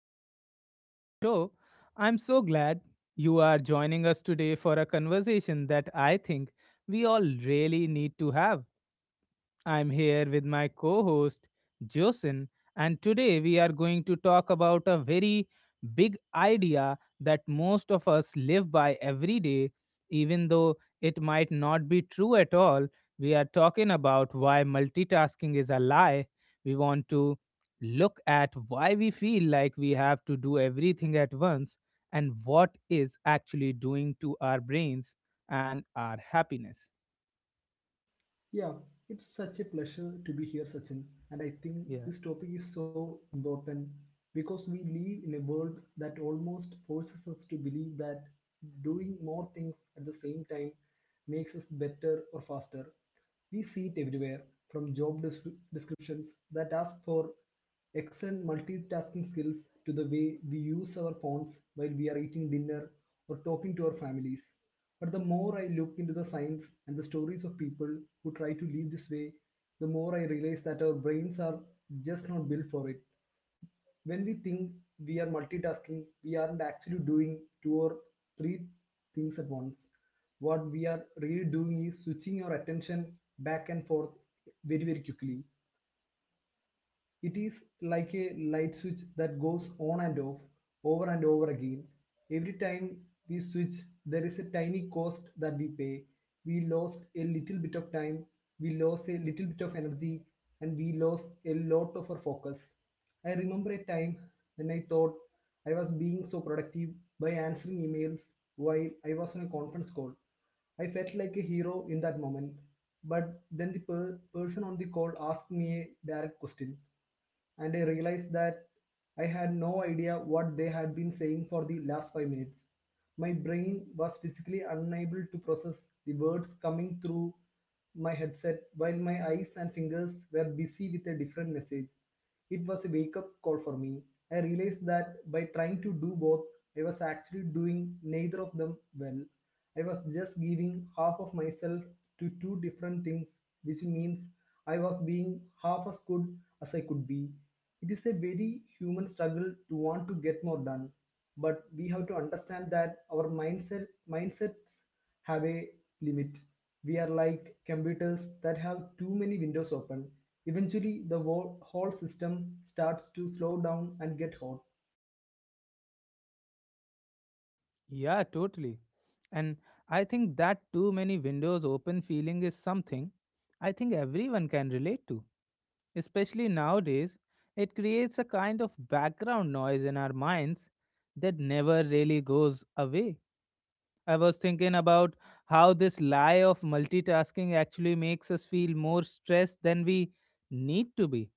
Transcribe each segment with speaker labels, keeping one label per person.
Speaker 1: everyone. Welcome to the show. I'm so glad you are joining us today for a conversation that I think we all really need to have. I'm here with my co host, Josin, and today we are going to talk about a very big idea that most of us live by every day, even though it might not be true at all. We are talking about why multitasking is a lie. We want to look at why we feel like we have to do everything at once and what is actually doing to our brains and our happiness.
Speaker 2: Yeah, it's such a pleasure to be here, Sachin. And I think
Speaker 1: Yeah.
Speaker 2: this topic is so important because we live in a world that almost forces us to believe that doing more things at the same time makes us better or faster. We see it everywhere from job descriptions that ask for excellent multitasking skills to the way we use our phones while we are eating dinner or talking to our families. But the more I look into the science and the stories of people who try to live this way, the more I realize that our brains are just not built for it when we think we are multitasking, we aren't actually doing two or three things at once. What we are really doing is switching our attention back and forth very, very quickly. It is like a light switch that goes on and off, over and over again. Every time we switch, there is a tiny cost that we pay. We lost a little bit of time, we lost a little bit of energy, and we lost a lot of our focus. I remember a time when I thought I was being so productive by answering emails while I was on a conference call. I felt like a hero in that moment. But then the person on the call asked me a direct question and I realized that I had no idea what they had been saying for the last 5 minutes. My brain was physically unable to process the words coming through my headset while my eyes and fingers were busy with a different message. It was a wake up call for me. I realized that by trying to do both, I was actually doing neither of them well. I was just giving half of myself to two different things, which means I was being half as good as I could be. It is a very human struggle to want to get more done, but we have to understand that our mindsets have a limit. We are like computers that have too many windows open. Eventually, the whole system starts to slow down and get hot.
Speaker 1: Yeah, totally. And I think that too many windows open feeling is something I think everyone can relate to. Especially nowadays, it creates a kind of background noise in our minds that never really goes away. I was thinking about how this lie of multitasking actually makes us feel more stressed than we need to be.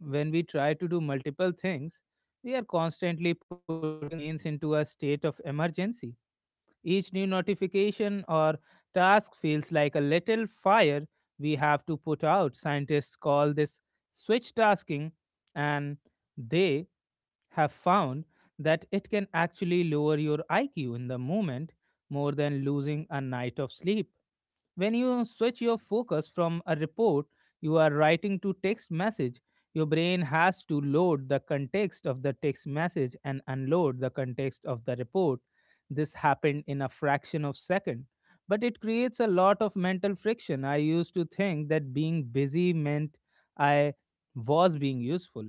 Speaker 1: When we try to do multiple things, we are constantly putting our brains into a state of emergency. Each new notification or task feels like a little fire we have to put out. Scientists call this switch tasking, and they have found that it can actually lower your IQ in the moment more than losing a night of sleep. When you switch your focus from a report you are writing to text message, your brain has to load the context of the text message and unload the context of the report. This happened in a fraction of second, but it creates a lot of mental friction. I used to think that being busy meant I was being useful.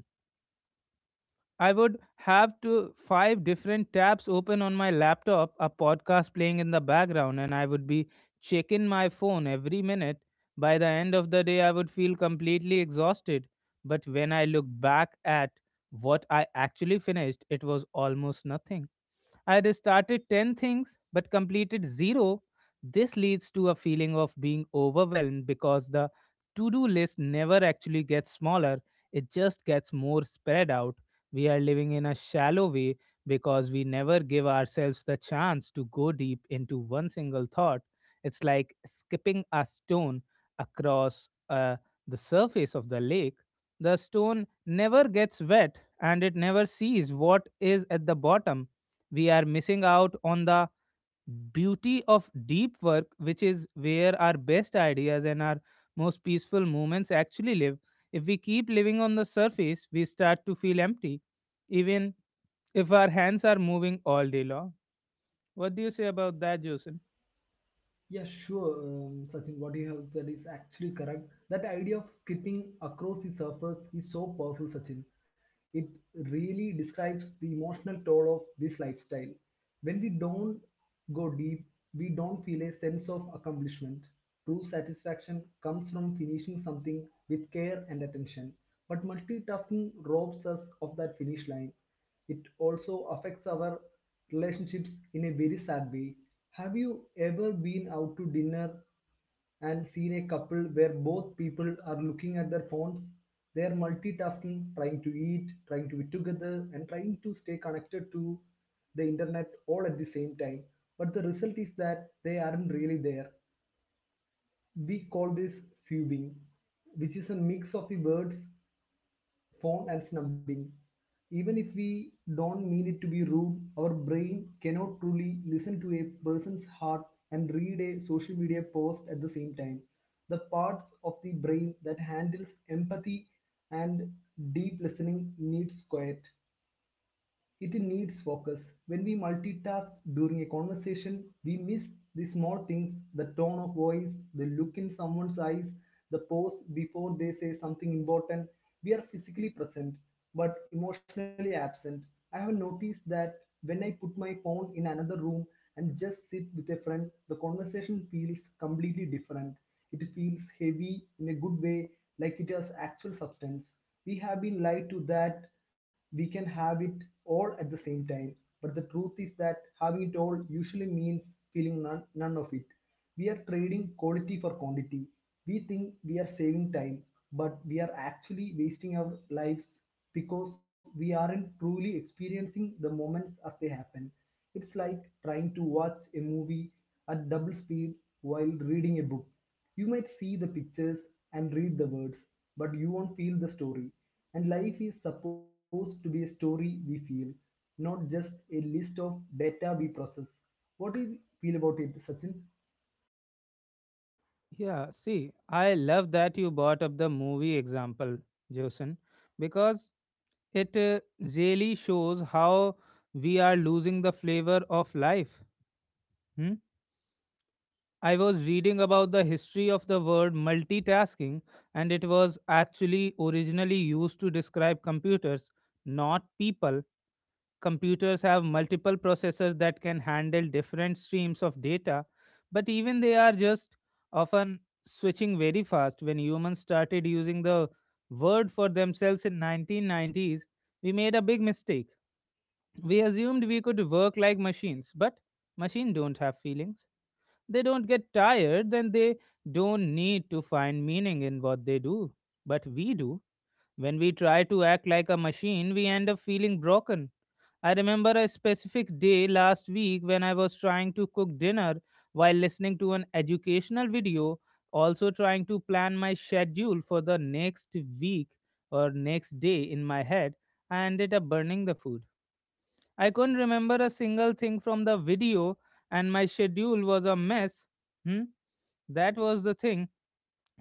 Speaker 1: I would have to five different tabs open on my laptop, a podcast playing in the background, and I would be checking my phone every minute. By the end of the day, I would feel completely exhausted. But when I look back at what I actually finished, it was almost nothing. I had started 10 things but completed zero. This leads to a feeling of being overwhelmed because the to do list never actually gets smaller, it just gets more spread out. We are living in a shallow way because we never give ourselves the chance to go deep into one single thought. It's like skipping a stone across the surface of the lake. The stone never gets wet and it never sees what is at the bottom. We are missing out on the beauty of deep work, which is where our best ideas and our most peaceful moments actually live. If we keep living on the surface, we start to feel empty, even if our hands are moving all day long. What do you say about that, Jason?
Speaker 2: Yeah, sure. Sachin, what you have said is actually correct. That idea of skipping across the surface is so powerful, Sachin. It really describes the emotional toll of this lifestyle. When we don't go deep, we don't feel a sense of accomplishment. True satisfaction comes from finishing something with care and attention. But multitasking robs us of that finish line. It also affects our relationships in a very sad way. Have you ever been out to dinner and seen a couple where both people are looking at their phones? They are multitasking, trying to eat, trying to be together, and trying to stay connected to the internet all at the same time. But the result is that they aren't really there. We call this fubing, which is a mix of the words phone and snubbing. Even if we don't mean it to be rude, our brain cannot truly listen to a person's heart and read a social media post at the same time. The parts of the brain that handles empathy and deep listening needs quiet. It needs focus. When we multitask during a conversation, we miss the small things: the tone of voice, the look in someone's eyes, the pause before they say something important. We are physically present but emotionally absent. I have noticed that when I put my phone in another room and just sit with a friend, the conversation feels completely different. It feels heavy in a good way, like it has actual substance. We have been lied to that we can have it all at the same time, but the truth is that having it all usually means feeling none of it. We are trading quality for quantity. We think we are saving time, but we are actually wasting our lives because we aren't truly experiencing the moments as they happen. It's like trying to watch a movie at double speed while reading a book. You might see the pictures and read the words, but you won't feel the story. And life is supposed to be a story we feel, not just a list of data we process. What do you feel about it, Sachin?
Speaker 1: Yeah, see, I love that you brought up the movie example, Jason, because it really shows how we are losing the flavor of life. I was reading about the history of the word multitasking, and it was actually originally used to describe computers, not people. Computers have multiple processors that can handle different streams of data, but even they are just often switching very fast. When humans started using the word for themselves in 1990s, we made a big mistake. We assumed we could work like machines, but machines don't have feelings. They don't get tired then they don't need to find meaning in what they do. But we do. When we try to act like a machine, we end up feeling broken. I remember a specific day last week when I was trying to cook dinner while listening to an educational video, also trying to plan my schedule for the next week or next day in my head. I ended up burning the food. I couldn't remember a single thing from the video, and my schedule was a mess. Hmm? That was the thing.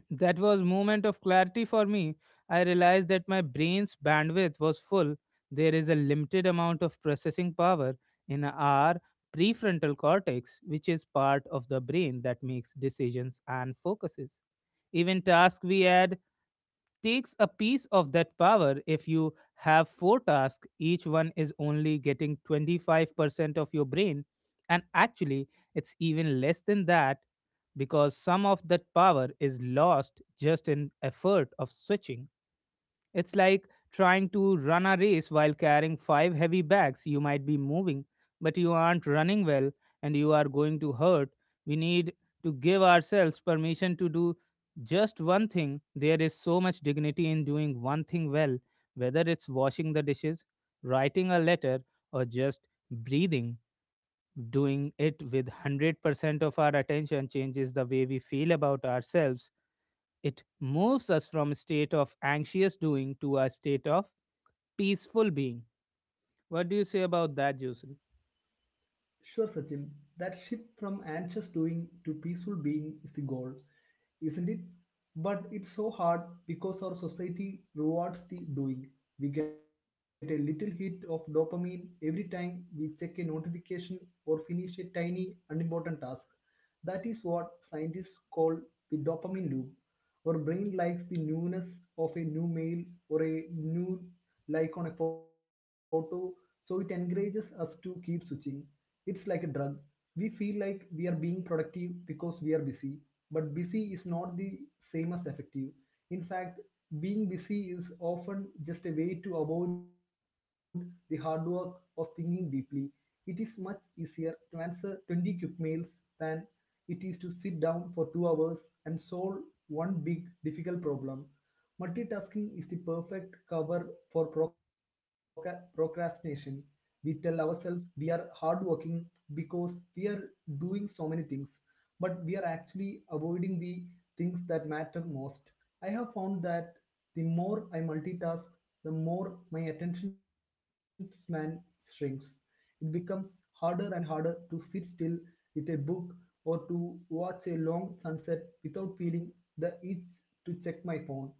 Speaker 1: That was moment of clarity for me. I realized that my brain's bandwidth was full. There is a limited amount of processing power in our prefrontal cortex, which is part of the brain that makes decisions and focuses. Even tasks we add takes a piece of that power. If you have four tasks each one is only getting 25% of your brain, and actually it's even less than that because some of that power is lost just in effort of switching. It's like trying to run a race while carrying five heavy bags. You might be moving, but you aren't running well and you are going to hurt. We need to give ourselves permission to do just one thing. There is so much dignity in doing one thing well, whether it's washing the dishes, writing a letter, or just breathing. Doing it with 100% of our attention changes the way we feel about ourselves. It moves us from a state of anxious doing to a state of peaceful being. What do you say about that, Jason?
Speaker 2: Sure, Sachin, that shift from anxious doing to peaceful being is the goal, isn't it? But it's so hard because our society rewards the doing. We get a little hit of dopamine every time we check a notification or finish a tiny, unimportant task. That is what scientists call the dopamine loop. Our brain likes the newness of a new mail or a new like on a photo, so it encourages us to keep switching. It's like a drug. We feel like we are being productive because we are busy, but busy is not the same as effective. In fact, being busy is often just a way to avoid the hard work of thinking deeply. It is much easier to answer 20 quick mails than it is to sit down for 2 hours and solve one big, difficult problem. Multitasking is the perfect cover for procrastination. We tell ourselves we are hardworking because we are doing so many things, but we are actually avoiding the things that matter most. I have found that the more I multitask, the more my attention span shrinks. It becomes harder and harder to sit still with a book or to watch a long sunset without feeling the itch to check my phone.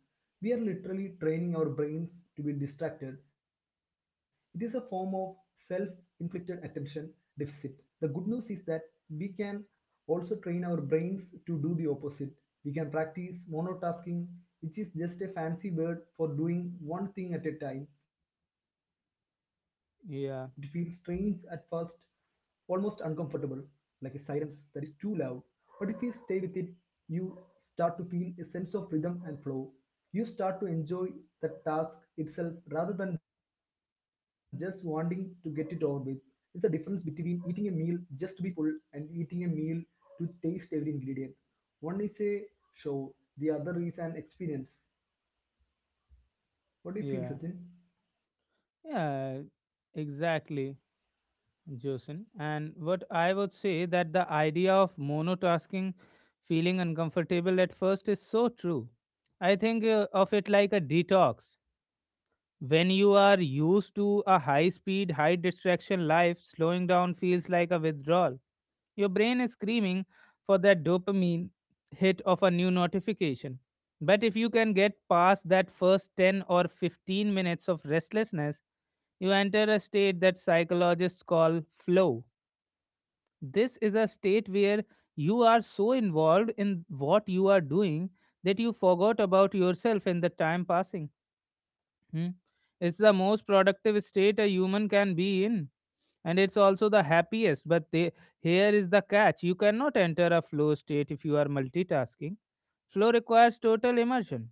Speaker 2: We are literally training our brains to be distracted. It is a form of self inflicted attention deficit. The good news is that we can also train our brains to do the opposite. We can practice monotasking, which is just a fancy word for doing one thing at a time. It feels strange at first,
Speaker 1: Yeah,
Speaker 2: almost uncomfortable, like a silence that is too loud, but if you stay with it, you start to feel a sense of rhythm and flow. You start to enjoy the task itself rather than just wanting to get it over with. It's the difference between eating a meal just to be full and eating a meal to taste every ingredient. One is a show, the other is an experience. What do you feel,
Speaker 1: yeah,
Speaker 2: Sachin?
Speaker 1: yeah, exactly, Jason. And what I would say that the idea of monotasking, feeling uncomfortable at first, is so true. I think of it like a detox. When you are used to a high speed, high distraction life, slowing down feels like a withdrawal. Your brain is screaming for that dopamine hit of a new notification. But if you can get past that first 10 or 15 minutes of restlessness, you enter a state that psychologists call flow. This is a state where you are so involved in what you are doing that you forgot about yourself and the time passing. Hmm. It's the most productive state a human can be in, and it's also the happiest. But they, here is the catch you cannot enter a flow state if you are multitasking. Flow requires total immersion,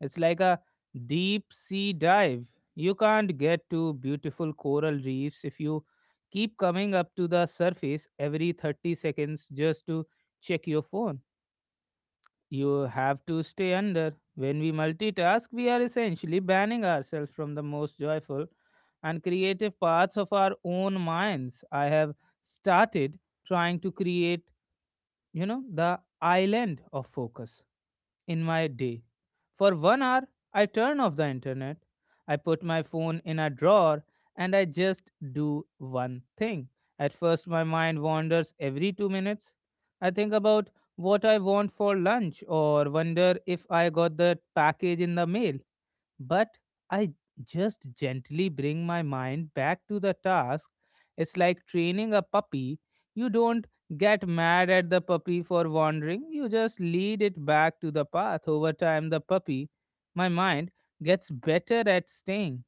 Speaker 1: it's like a deep sea dive. You can't get to beautiful coral reefs if you keep coming up to the surface every 30 seconds just to check your phone. You have to stay under. When we multitask, we are essentially banning ourselves from the most joyful and creative parts of our own minds. I have started trying to create, the island of focus in my day. For 1 hour, I turn off the internet. I put my phone in a drawer and I just do one thing. At first, my mind wanders every 2 minutes. I think about what I want for lunch or wonder if I got that package in the mail, but I just gently bring my mind back to the task. It's like training a puppy. You don't get mad at the puppy for wandering, you just lead it back to the path. Over time, the puppy, my mind, gets better at staying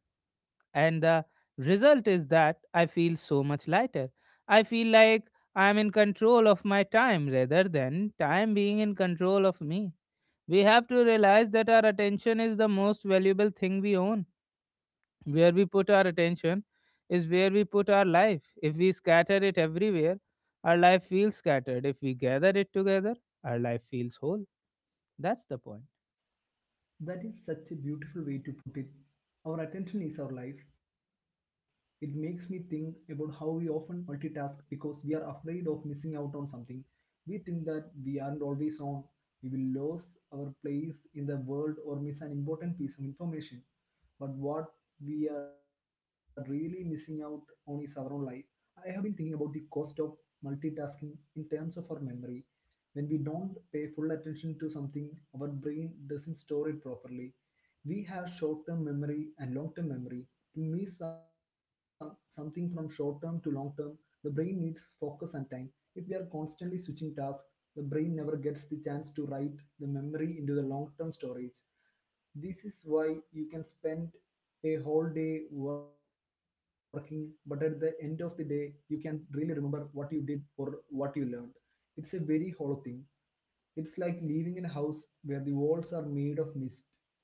Speaker 1: and the result is that I feel so much lighter. I feel like I am in control of my time rather than time being in control of me. We have to realize that our attention is the most valuable thing we own. Where we put our attention is where we put our life. If we scatter it everywhere, our life feels scattered. If we gather it together, our life feels whole. That's the point.
Speaker 2: That is such a beautiful way to put it. Our attention is our life. It makes me think about how we often multitask because we are afraid of missing out on something. We think that we aren't always on, we will lose our place in the world or miss an important piece of information. But what we are really missing out on is our own life. I have been thinking about the cost of multitasking in terms of our memory. When we don't pay full attention to something, our brain doesn't store it properly. We have short term memory and long term memory. To move something from short term to long term, the brain needs focus and time. If we are constantly switching tasks, the brain never gets the chance to write the memory into the long term storage. This is why you can spend a whole day working but at the end of the day you can really remember what you did or what you learned. It's a very hollow thing. It's like living in a house where the walls are made of mist.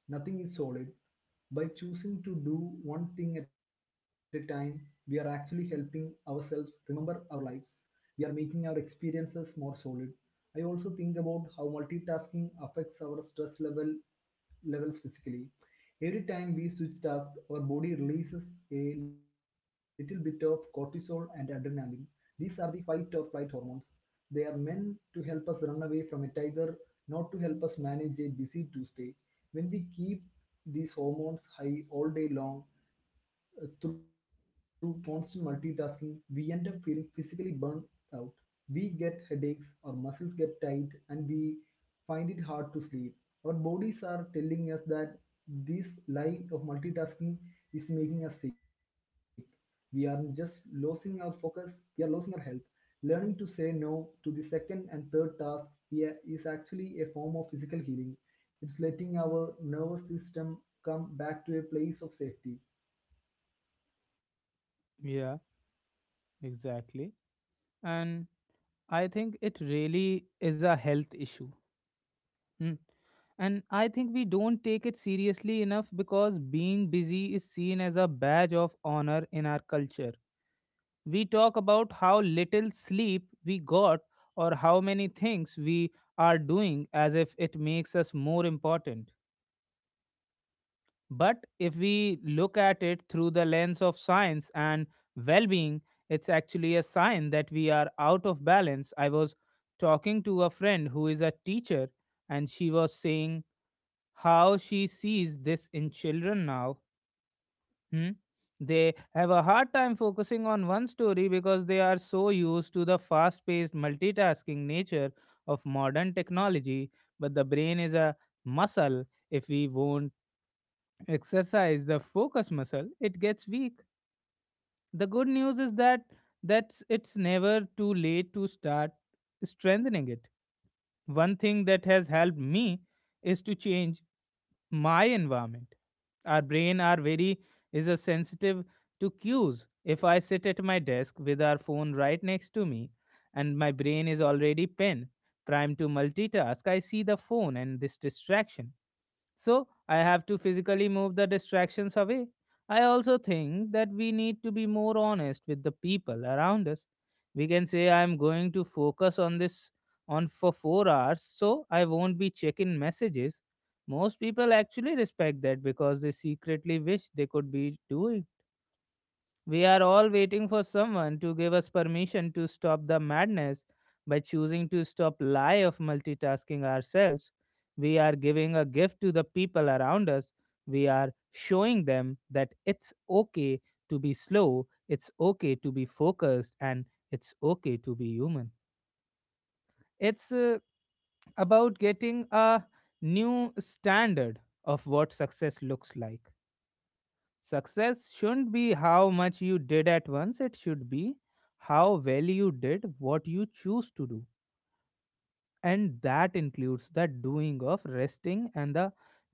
Speaker 2: Nothing is solid. By choosing to do one thing at a time, we are actually helping ourselves remember our lives. We are making our experiences more solid. I also think about how multitasking affects our stress level levels physically. Every time we switch tasks, our body releases a little bit of cortisol and adrenaline. These are the fight or flight hormones. They are meant to help us run away from a tiger, not to help us manage a busy Tuesday. When we keep these hormones high all day long, through constant multitasking, we end up feeling physically burned out. We get headaches, our muscles get tight, and we find it hard to sleep. Our bodies are telling us that this life of multitasking is making us sick. We are just losing our focus, we are losing our health. Learning to say no to the second and third task here is actually a form of physical healing. It's letting our nervous system come back to a place of safety.
Speaker 1: Yeah, exactly. And I think it really is a health issue. Mm. And I think we don't take it seriously enough because being busy is seen as a badge of honor in our culture. We talk about how little sleep we got or how many things we are doing as if it makes us more important. But if we look at it through the lens of science and well being, it's actually a sign that we are out of balance. I was talking to a friend who is a teacher, and she was saying, how she sees this in children now. Hmm? They have a hard time focusing on one story because they are so used to the fast paced multitasking nature of modern technology. But the brain is a muscle. If we won't exercise the focus muscle, it gets weak. The good news is that that's it's never too late to start strengthening it. One thing that has helped me is to change my environment. Our brain are very is a sensitive to cues. If I sit at my desk with our phone right next to me and my brain is already pen primed to multitask, I see the phone and this distraction so I have to physically move the distractions away. I also think that we need to be more honest with the people around us. We can say I'm going to focus on this on for 4 hours so I won't be checking messages. Most people actually respect that because they secretly wish they could be doing. We are all waiting for someone to give us permission to stop the madness. By choosing to stop lie of multitasking ourselves, we are giving a gift to the people around us. We are showing them that it's okay to be slow, it's okay to be focused, and it's okay to be human. It's about getting a new standard of what success looks like. Success shouldn't be how much you did at once, it should be how well you did what you choose to do. And that includes the doing of resting and the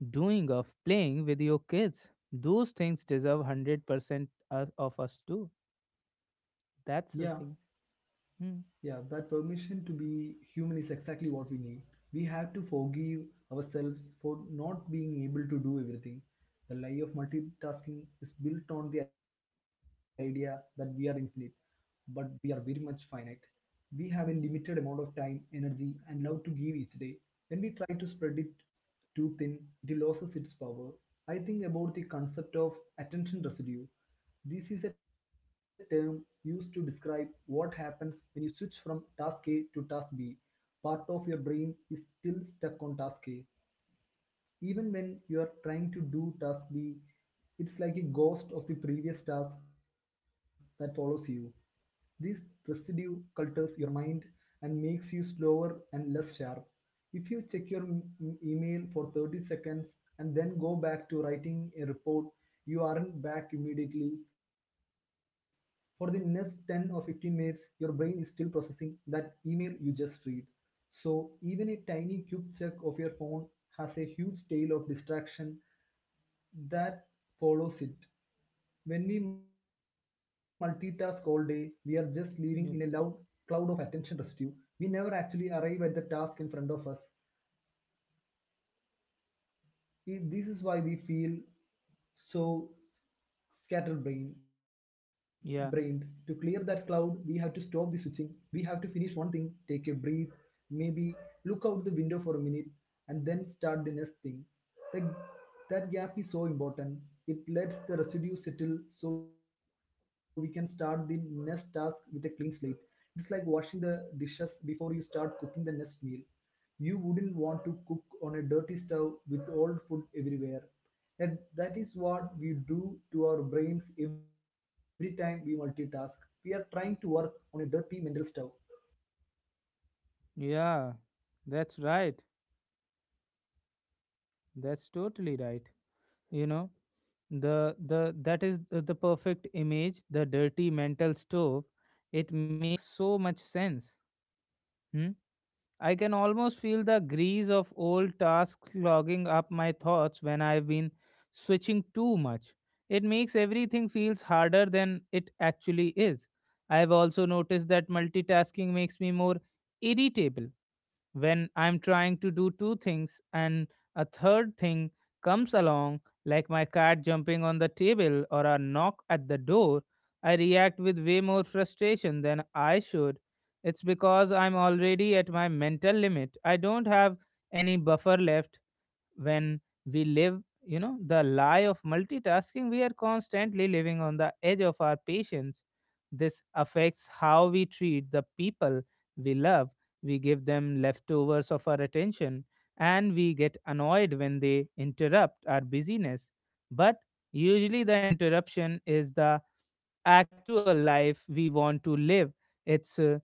Speaker 1: doing of playing with your kids. Those things deserve 100% of us too. That's the
Speaker 2: Yeah,
Speaker 1: thing. Hmm.
Speaker 2: Yeah, that permission to be human is exactly what we need. We have to forgive ourselves for not being able to do everything. The lie of multitasking is built on the idea that we are infinite, but we are very much finite. We have a limited amount of time, energy, and love to give each day. When we try to spread it too thin, it loses its power. I think about the concept of attention residue. This is a term used to describe what happens when you switch from task A to task B. Part of your brain is still stuck on task A even when you are trying to do task B. It's like a ghost of the previous task that follows you. This residue cultures your mind and makes you slower and less sharp. If you check your email for 30 seconds and then go back to writing a report, you aren't back immediately. For the next 10 or 15 minutes, your brain is still processing that email you just read. So even a tiny quick check of your phone has a huge tail of distraction that follows it. When we multitask all day, we are just living in a loud
Speaker 1: Yeah.
Speaker 2: cloud of attention residue. We never actually arrive at the task in front of us. This is why we feel so scatterbrained. Brained. To clear
Speaker 1: Yeah.
Speaker 2: that cloud, we have to stop the switching. We have to finish one thing, take a breath, maybe look out the window for a minute, and then start the next thing. The- that gap is so important. It lets the residue settle so we can start the next task with a clean slate. It's like washing the dishes before you start cooking the next meal. You wouldn't want to cook on a dirty stove with old food everywhere, and that is what we do to our brains every time we multitask. We are trying to work on a dirty mental stove.
Speaker 1: Yeah. That's right. That's totally right. You know? The that is the perfect image, the dirty mental stove. It makes so much sense. Hmm? I can almost feel the grease of old tasks clogging up my thoughts when I've been switching too much. It makes everything feels harder than it actually is. I've also noticed that multitasking makes me more irritable. When I'm trying to do two things and a third thing comes along, like my cat jumping on the table or a knock at the door, I react with way more frustration than I should. It's because I'm already at my mental limit. I don't have any buffer left. When we live, the lie of multitasking, we are constantly living on the edge of our patience. This affects how we treat the people we love. We give them leftovers of our attention, and we get annoyed when they interrupt our busyness. But usually the interruption is the actual life we want to live. It's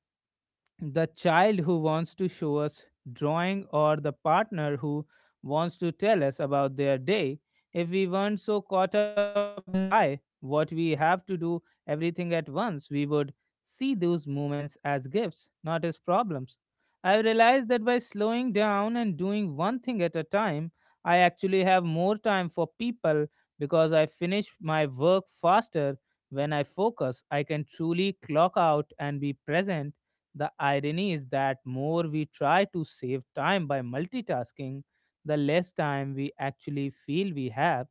Speaker 1: the child who wants to show us drawing, or the partner who wants to tell us about their day. If we weren't so caught up in the lie what we have to do everything at once, we would see those moments as gifts, not as problems. I realized that by slowing down and doing one thing at a time, I actually have more time for people, because I finish my work faster. When I focus, I can truly clock out and be present. The irony is that more we try to save time by multitasking, the less time we actually feel we have.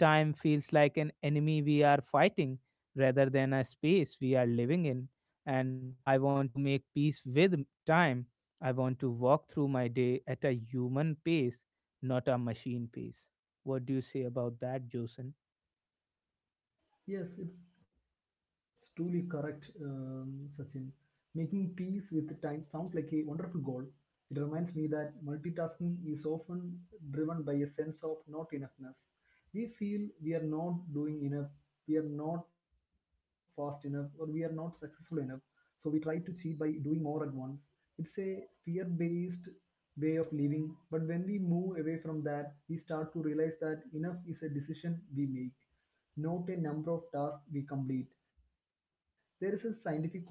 Speaker 1: Time feels like an enemy we are fighting rather than a space we are living in. And I want to make peace with time. I want to walk through my day at a human pace, not a machine pace. What do you say about that, Josen?
Speaker 2: Yes, it's truly correct, Sachin. Making peace with time sounds like a wonderful goal. It reminds me that multitasking is often driven by a sense of not enoughness. We feel we are not doing enough, we are not fast enough, or we are not successful enough. So we try to cheat by doing more at once. It's a fear based way of living, but when we move away from that, we start to realize that enough is a decision we make, not a number of tasks we complete. There is a scientific concept called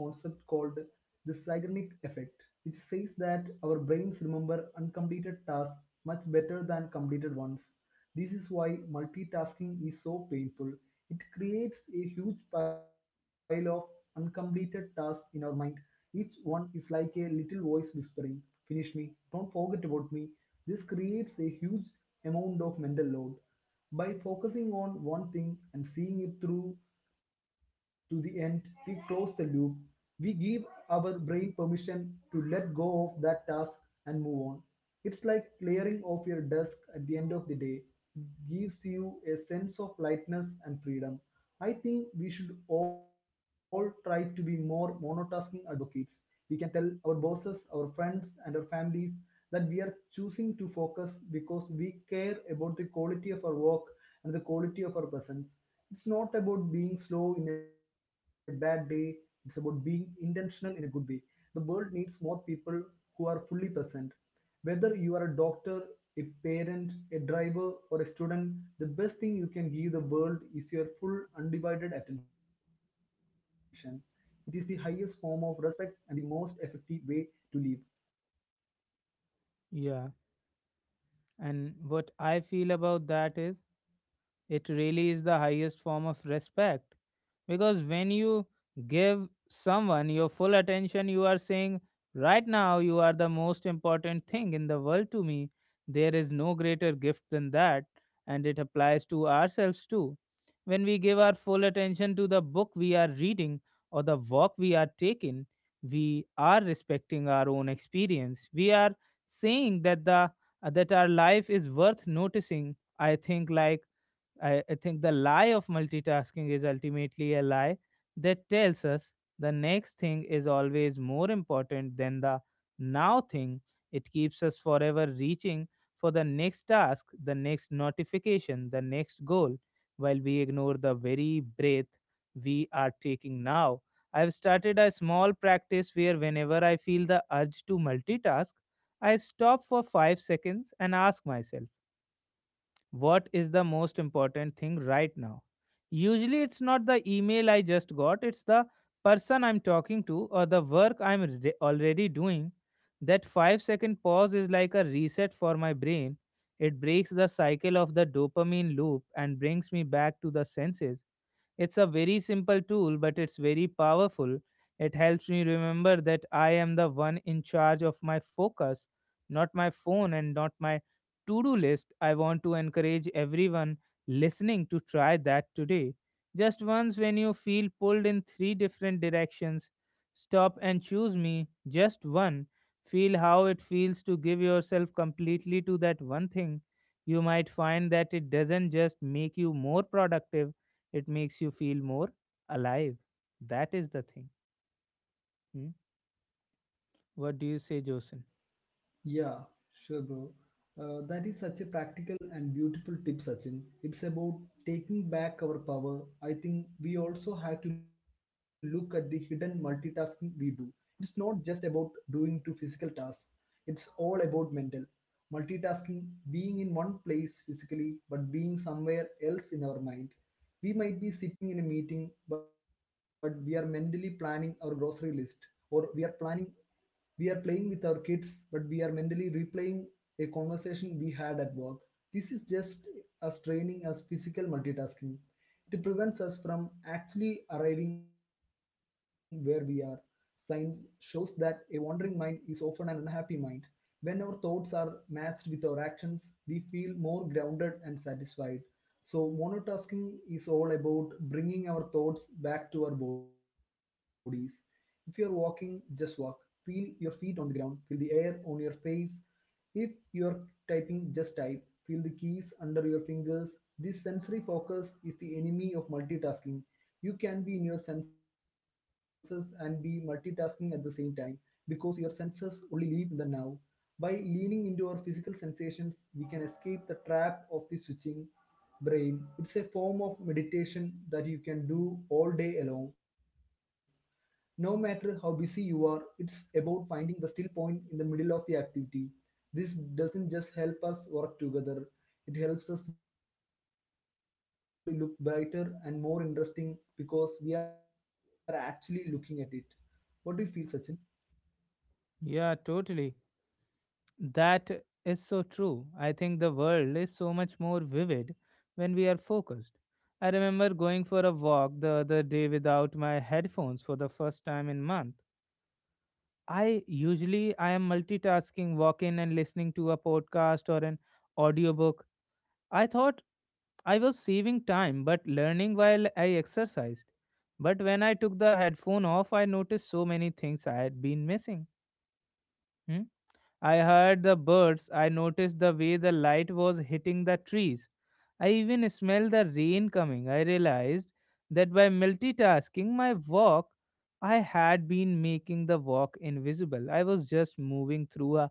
Speaker 2: the Zeigarnik effect, which says that our brains remember uncompleted tasks much better than completed ones. This is why multitasking is so painful. It creates a huge pile of uncompleted tasks in our mind. Each one is like a little voice whispering, finish me, don't forget about me. This creates a huge amount of mental load. By focusing on one thing and seeing it through to the end, we close the loop. We give our brain permission to let go of that task and move on. It's like clearing off your desk at the end of the day. It gives you a sense of lightness and freedom. I think we should all try to be more monotasking advocates. We can tell our bosses, our friends, and our families that we are choosing to focus because we care about the quality of our work and the quality of our presence. It's not about being slow in a bad day, it's about being intentional in a good way. The world needs more people who are fully present. Whether you are a doctor, a parent, a driver, or a student, the best thing you can give the world is your full, undivided attention. It is the highest form of respect and the most effective way to live.
Speaker 1: Yeah. And what I feel about that is, it really is the highest form of respect, because when you give someone your full attention, you are saying, "Right now, you are the most important thing in the world to me." There is no greater gift than that, and it applies to ourselves too. When we give our full attention to the book we are reading or the walk we are taking, we are respecting our own experience. We are saying that the that our life is worth noticing. I think like I think the lie of multitasking is ultimately a lie that tells us the next thing is always more important than the now thing. It keeps us forever reaching for the next task, the next notification, the next goal, while we ignore the very breath we are taking now. I've started a small practice where whenever I feel the urge to multitask, I stop for 5 seconds and ask myself, what is the most important thing right now? Usually it's not the email I just got, it's the person I'm talking to or the work I'm already doing. That 5-second pause is like a reset for my brain. It breaks the cycle of the dopamine loop and brings me back to the senses. It's a very simple tool, but it's very powerful. It helps me remember that I am the one in charge of my focus, not my phone and not my to do list. I want to encourage everyone listening to try that today. Just once, when you feel pulled in three different directions, stop and choose me, just one. Feel how it feels to give yourself completely to that one thing. You might find that it doesn't just make you more productive, it makes you feel more alive. That is the thing. Hmm? What do you say, Josen?
Speaker 2: Yeah, sure, bro. That is such a practical and beautiful tip, Sachin. It's about taking back our power. I think we also have to look at the hidden multitasking we do. It's not just about doing two physical tasks, it's all about mental. Multitasking, being in one place physically, but being somewhere else in our mind. We might be sitting in a meeting, but we are mentally planning our grocery list, or we are planning, we are playing with our kids, but we are mentally replaying a conversation we had at work. This is just as training as physical multitasking. It prevents us from actually arriving where we are. Science shows that a wandering mind is often an unhappy mind. When our thoughts are matched with our actions, we feel more grounded and satisfied. So, monotasking is all about bringing our thoughts back to our bodies. If you're walking, just walk. Feel your feet on the ground, feel the air on your face. If you're typing, just type. Feel the keys under your fingers. This sensory focus is the enemy of multitasking. You can be in your senses and be multitasking at the same time because your senses only live in the now. By leaning into our physical sensations, we can escape the trap of the switching brain. It's a form of meditation that you can do all day long. No matter how busy you are, it's about finding the still point in the middle of the activity. This doesn't just help us work together, it helps us live better. It makes the world look brighter and more interesting because we are actually looking at it. What do you feel, Sachin?
Speaker 1: Yeah, totally. That is so true. I think the world is so much more vivid when we are focused. I remember going for a walk the other day without my headphones for the first time in month. I usually I am multitasking, walking and listening to a podcast or an audiobook. I thought I was saving time but learning while I exercised. But when I took the headphone off, I noticed so many things I had been missing. Hmm? I heard the birds, I noticed the way the light was hitting the trees. I even smelled the rain coming. I realized that by multitasking my walk, I had been making the walk invisible. I was just moving through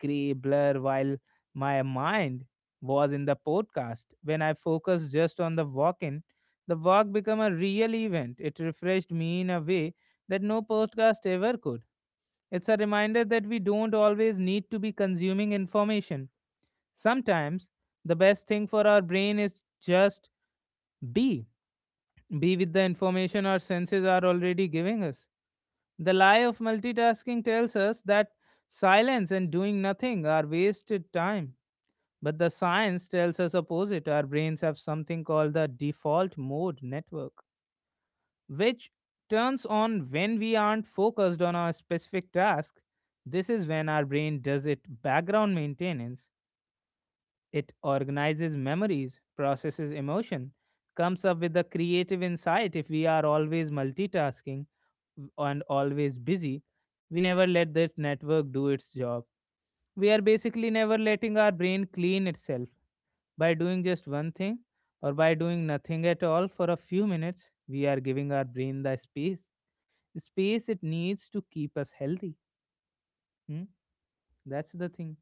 Speaker 1: gray blur while my mind was in the podcast. When I focused just on the walk in, the walk became a real event. It refreshed me in a way that no podcast ever could. It's a reminder that we don't always need to be consuming information. Sometimes the best thing for our brain is just be. Be with the information our senses are already giving us. The lie of multitasking tells us that silence and doing nothing are wasted time, but the science tells us opposite. Our brains have something called the default mode network, which turns on when we aren't focused on our specific task. This is when our brain does its background maintenance. It organizes memories, processes emotion, comes up with a creative insight if we are always multitasking and always busy. We never let this network do its job. We are basically never letting our brain clean itself. By doing just one thing or by doing nothing at all for a few minutes, we are giving our brain the space, space it needs to keep us healthy. Hmm? That's the thing.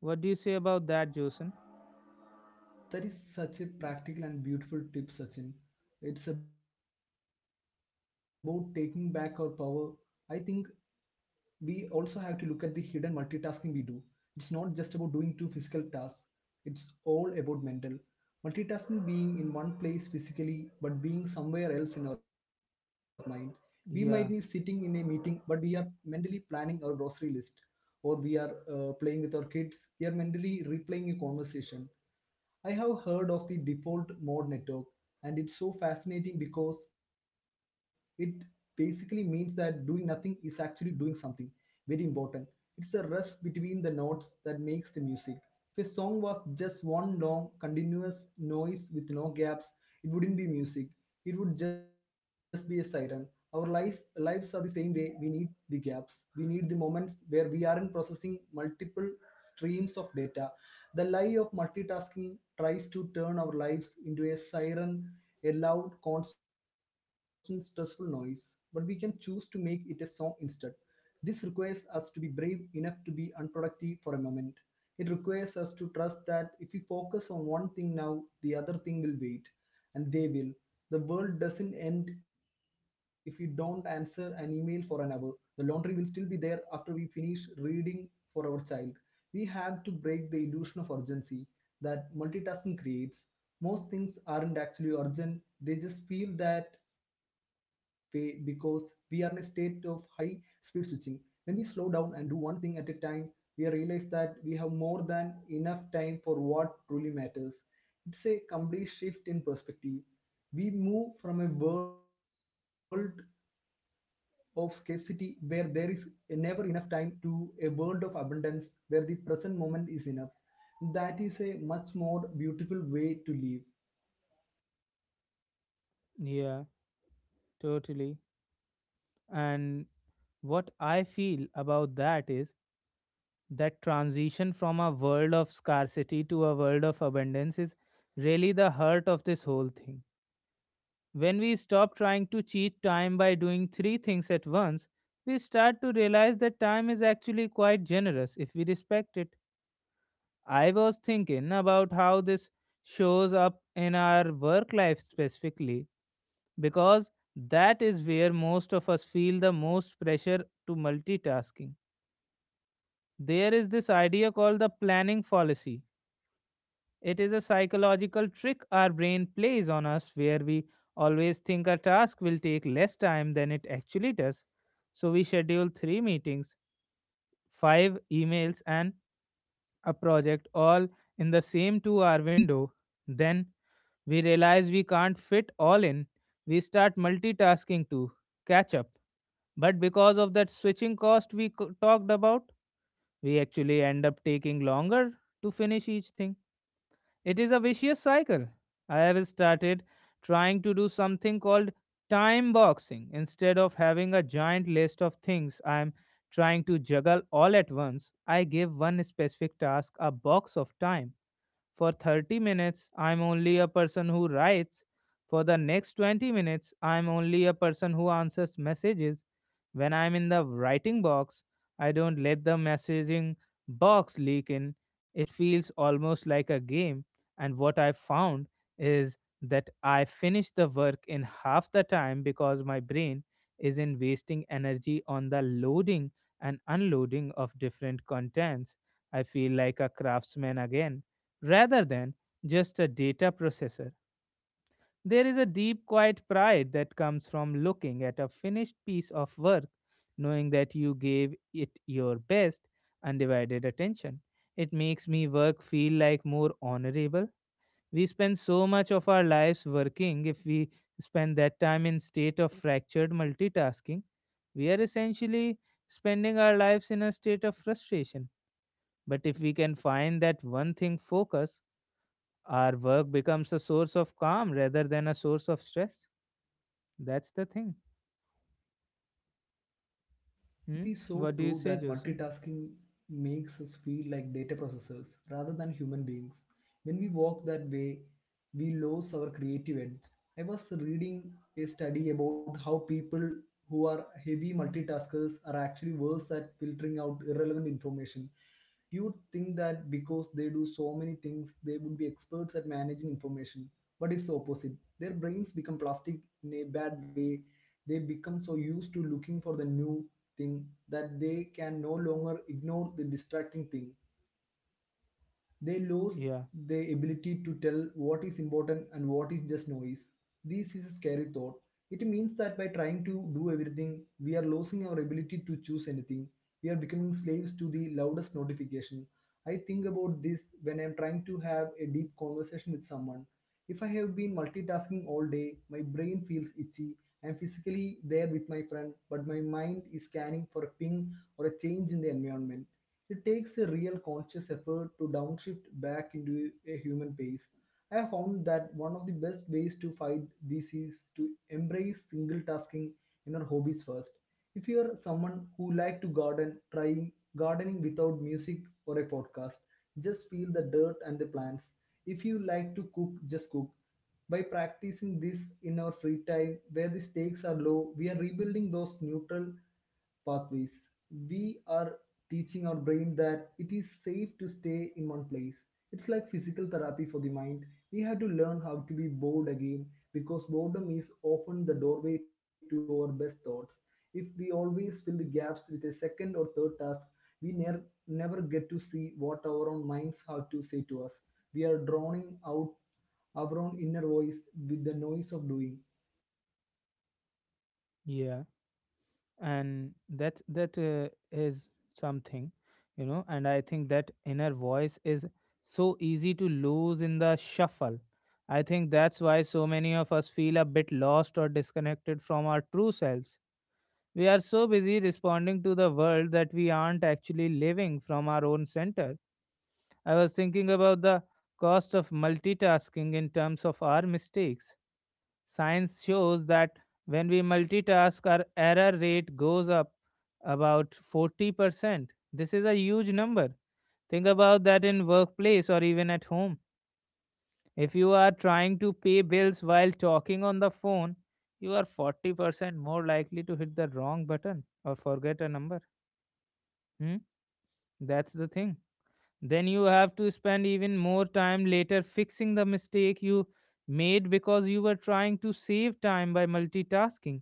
Speaker 1: What do you say about that, Jason?
Speaker 2: That is such a practical and beautiful tip, Sachin. It's about taking back our power. I think we also have to look at the hidden multitasking we do. It's not just about doing two physical tasks, it's all about mental. Multitasking being in one place physically but being somewhere else in our mind. We might be sitting in a
Speaker 1: Yeah,
Speaker 2: meeting but we are mentally planning our grocery list, or we are playing with our kids, we are mentally replaying a conversation. I have heard of the default mode network, and it's so fascinating because it basically means that doing nothing is actually doing something very important. It's the rest between the notes that makes the music. If a song was just one long, continuous noise with no gaps, it wouldn't be music. It would just be a siren. Our lives are the same way. We need the gaps. We need the moments where we aren't processing multiple streams of data. The lie of multitasking tries to turn our lives into a siren, a loud, constant, stressful noise, but we can choose to make it a song instead. This requires us to be brave enough to be unproductive for a moment. It requires us to trust that if we focus on one thing now, the other thing will wait, and they will. The world doesn't end if we don't answer an email for an hour. The laundry will still be there after we finish reading for our child. We have to break the illusion of urgency that multitasking creates. Most things aren't actually urgent, they just feel that way because we are in a state of high speed switching. When we slow down and do one thing at a time, we realize that we have more than enough time for what truly matters. It's a complete shift in perspective. We move from a world of scarcity where there is never enough time to a world of abundance where the present moment is enough. That is a much more beautiful way to live.
Speaker 1: yeah, totally. And what I feel about that is that transition from a world of scarcity to a world of abundance is really the heart of this whole thing. When we stop trying to cheat time by doing three things at once, we start to realize that time is actually quite generous if we respect it. I was thinking about how this shows up in our work life specifically, because that is where most of us feel the most pressure to multitasking. There is this idea called the planning fallacy. It is a psychological trick our brain plays on us where we always think a task will take less time than it actually does. So we schedule three meetings, five emails, and a project all in the same 2 hour window. Then we realize we can't fit all in. We start multitasking to catch up. But because of that switching cost we talked about, we actually end up taking longer to finish each thing. It is a vicious cycle. I have started trying to do something called time boxing. Instead of having a giant list of things I am trying to juggle all at once, I give one specific task a box of time. For 30 minutes, I'm only a person who writes. For the next 20 minutes, I'm only a person who answers messages. When I'm in the writing box, I don't let the messaging box leak in. It feels almost like a game. And what I found is that I finish the work in half the time because my brain isn't wasting energy on the loading and unloading of different contents. I feel like a craftsman again rather than just a data processor. There is a deep, quiet pride that comes from looking at a finished piece of work, knowing that you gave it your best, undivided attention. It makes me work feel like more honorable. We spend so much of our lives working. If we spend that time in state of fractured multitasking, we are essentially spending our lives in a state of frustration. But if we can find that one thing focus, our work becomes a source of calm rather than a source of stress. That's the thing.
Speaker 2: It
Speaker 1: Hmm?
Speaker 2: is so
Speaker 1: What do you
Speaker 2: true
Speaker 1: say,
Speaker 2: that
Speaker 1: Jason?
Speaker 2: multitasking makes us feel like data processors rather than human beings. When we walk that way, we lose our creative edge. I was reading a study about how people who are heavy multitaskers are actually worse at filtering out irrelevant information. You would think that because they do so many things, they would be experts at managing information, but it's the opposite. Their brains become plastic in a bad way. They become so used to looking for the new thing that they can no longer ignore the distracting thing. They lose
Speaker 1: Yeah,
Speaker 2: the ability to tell what is important and what is just noise. This is a scary thought. It means that by trying to do everything, we are losing our ability to choose anything. We are becoming slaves to the loudest notification. I think about this when I am trying to have a deep conversation with someone. If I have been multitasking all day, my brain feels itchy. I am physically there with my friend, but my mind is scanning for a ping or a change in the environment. It takes a real conscious effort to downshift back into a human pace. I have found that one of the best ways to fight this is to embrace single tasking in our hobbies first. If you are someone who like to garden, try gardening without music or a podcast. Just feel the dirt and the plants. If you like to cook, just cook. By practicing this in our free time where the stakes are low, we are rebuilding those neutral pathways. We are teaching our brain that it is safe to stay in one place. It's like physical therapy for the mind. We have to learn how to be bored again because boredom is often the doorway to our best thoughts. If we always fill the gaps with a second or third task, we ne- never get to see what our own minds have to say to us. We are drowning out our own inner voice with the noise of doing.
Speaker 1: yeah, and that is something. And I think that inner voice is so easy to lose in the shuffle. I think that's why so many of us feel a bit lost or disconnected from our true selves. We are so busy responding to the world that we aren't actually living from our own center. I was thinking about the cost of multitasking in terms of our mistakes. Science shows that when we multitask, our error rate goes up about 40%. This is a huge number. Think about that in workplace or even at home. If you are trying to pay bills while talking on the phone, you are 40% more likely to hit the wrong button or forget a number. Hmm? That's the thing. Then you have to spend even more time later fixing the mistake you made because you were trying to save time by multitasking.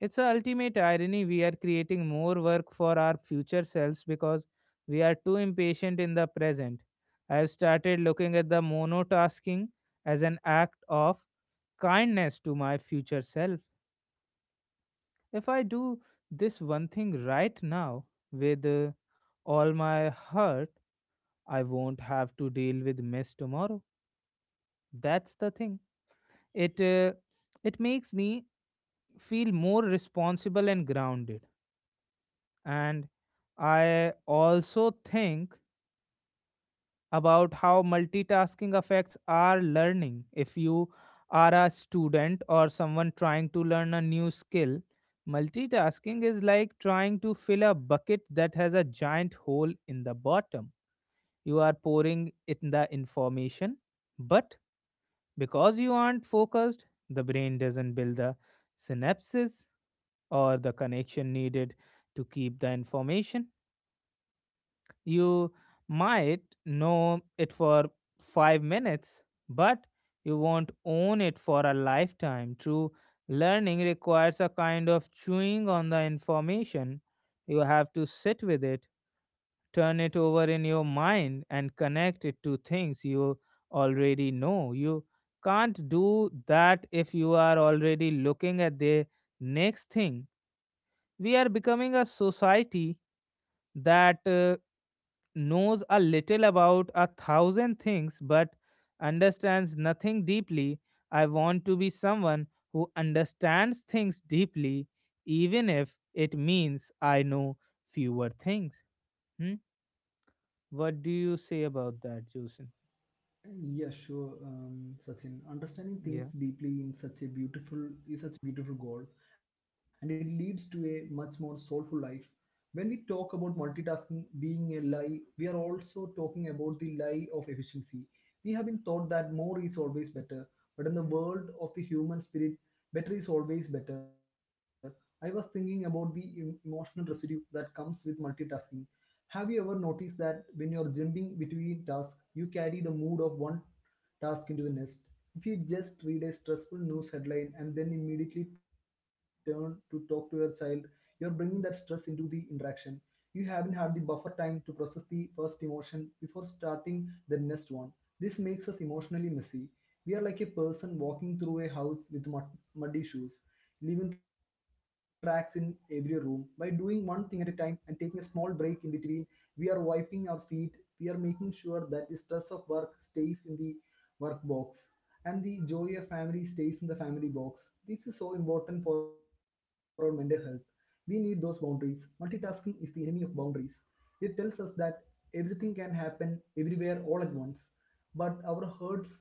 Speaker 1: It's a ultimate irony, we are creating more work for our future selves because we are too impatient in the present. I have started looking at the monotasking as an act of kindness to my future self. If I do this one thing right now with all my heart, I won't have to deal with mess tomorrow. That's the thing. It uh, it makes me feel more responsible and grounded. And I also think about how multitasking affects our learning. If you are a student or someone trying to learn a new skill, multitasking is like trying to fill a bucket that has a giant hole in the bottom. You are pouring in the information, but because you aren't focused, the brain doesn't build the synapses or the connection needed to keep the information. You might know it for 5 minutes, but you won't own it for a lifetime. True learning requires a kind of chewing on the information. You have to sit with it, turn it over in your mind and connect it to things you already know. You can't do that if you are already looking at the next thing. We are becoming a society that knows a little about a thousand things but understands nothing deeply. I want to be someone who understands things deeply, even if it means I know fewer things. Hmm. What do you say about that, Jason?
Speaker 2: Yeah, sure, Sachin. Understanding
Speaker 1: Yeah,
Speaker 2: things deeply in such a beautiful is such a beautiful goal, and it leads to a much more soulful life. When we talk about multitasking being a lie, we are also talking about the lie of efficiency. We have been taught that more is always better, but in the world of the human spirit, better is always better. I was thinking about the emotional residue that comes with multitasking. Have you ever noticed that when you're jumping between tasks, you carry the mood of one task into the nest. If you just read a stressful news headline and then immediately turn to talk to your child, you're bringing that stress into the interaction. You haven't had the buffer time to process the first emotion before starting the next one. This makes us emotionally messy. We are like a person walking through a house with muddy shoes, leaving tracks in every room. By doing one thing at a time and taking a small break in between, we are wiping our feet. We are making sure that the stress of work stays in the work box and the joy of family stays in the family box. This is so important for our mental health. We need those boundaries. Multitasking is the enemy of boundaries. It tells us that everything can happen everywhere all at once, but our hearts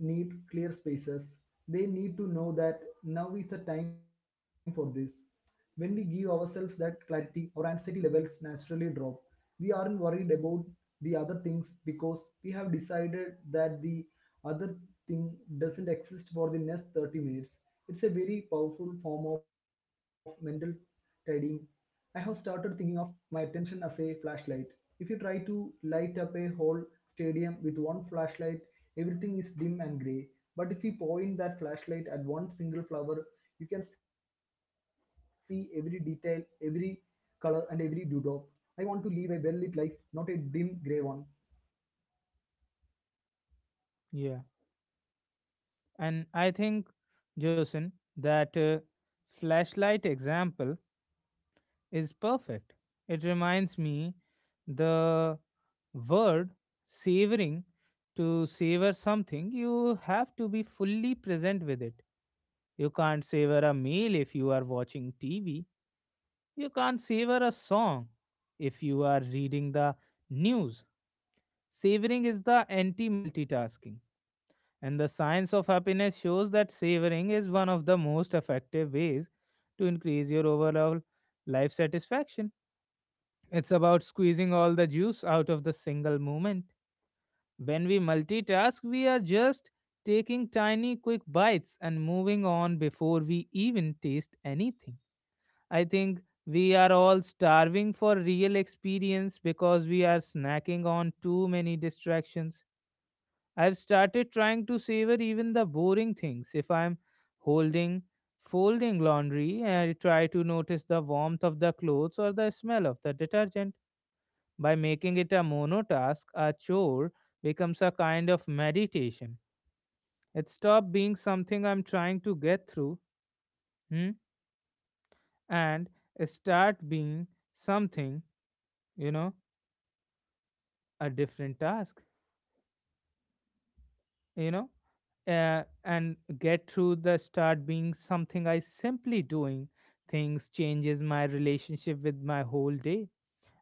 Speaker 2: need clear spaces. They need to know that now is the time for this. When we give ourselves that clarity, our anxiety levels naturally drop. We aren't worried about the other things because we have decided that the other thing doesn't exist for the next 30 minutes. It's a very powerful form of mental tidying. I have started thinking of my attention as a flashlight. If you try to light up a whole stadium with one flashlight, everything is dim and grey, but if you point that flashlight at one single flower, you can see every detail, every color, and every dewdrop. I want to live a well lit life, not a dim grey one.
Speaker 1: yeah. And I think, Jason, that flashlight example is perfect. It reminds me the word savoring. To savor something, you have to be fully present with it. You can't savor a meal if you are watching TV. You can't savor a song if you are reading the news. Savoring is the anti multitasking. And the science of happiness shows that savoring is one of the most effective ways to increase your overall life satisfaction. It's about squeezing all the juice out of the single moment. When we multitask, we are just taking tiny, quick bites and moving on before we even taste anything. I think we are all starving for real experience because we are snacking on too many distractions. I've started trying to savor even the boring things. If I'm holding, folding laundry, I try to notice the warmth of the clothes or the smell of the detergent. By making it a monotask, a chore becomes a kind of meditation. It stopped being something I'm trying to get through, hmm, and start being something, you know, a different task. you know and get through the start being something I simply doing things changes my relationship with my whole day.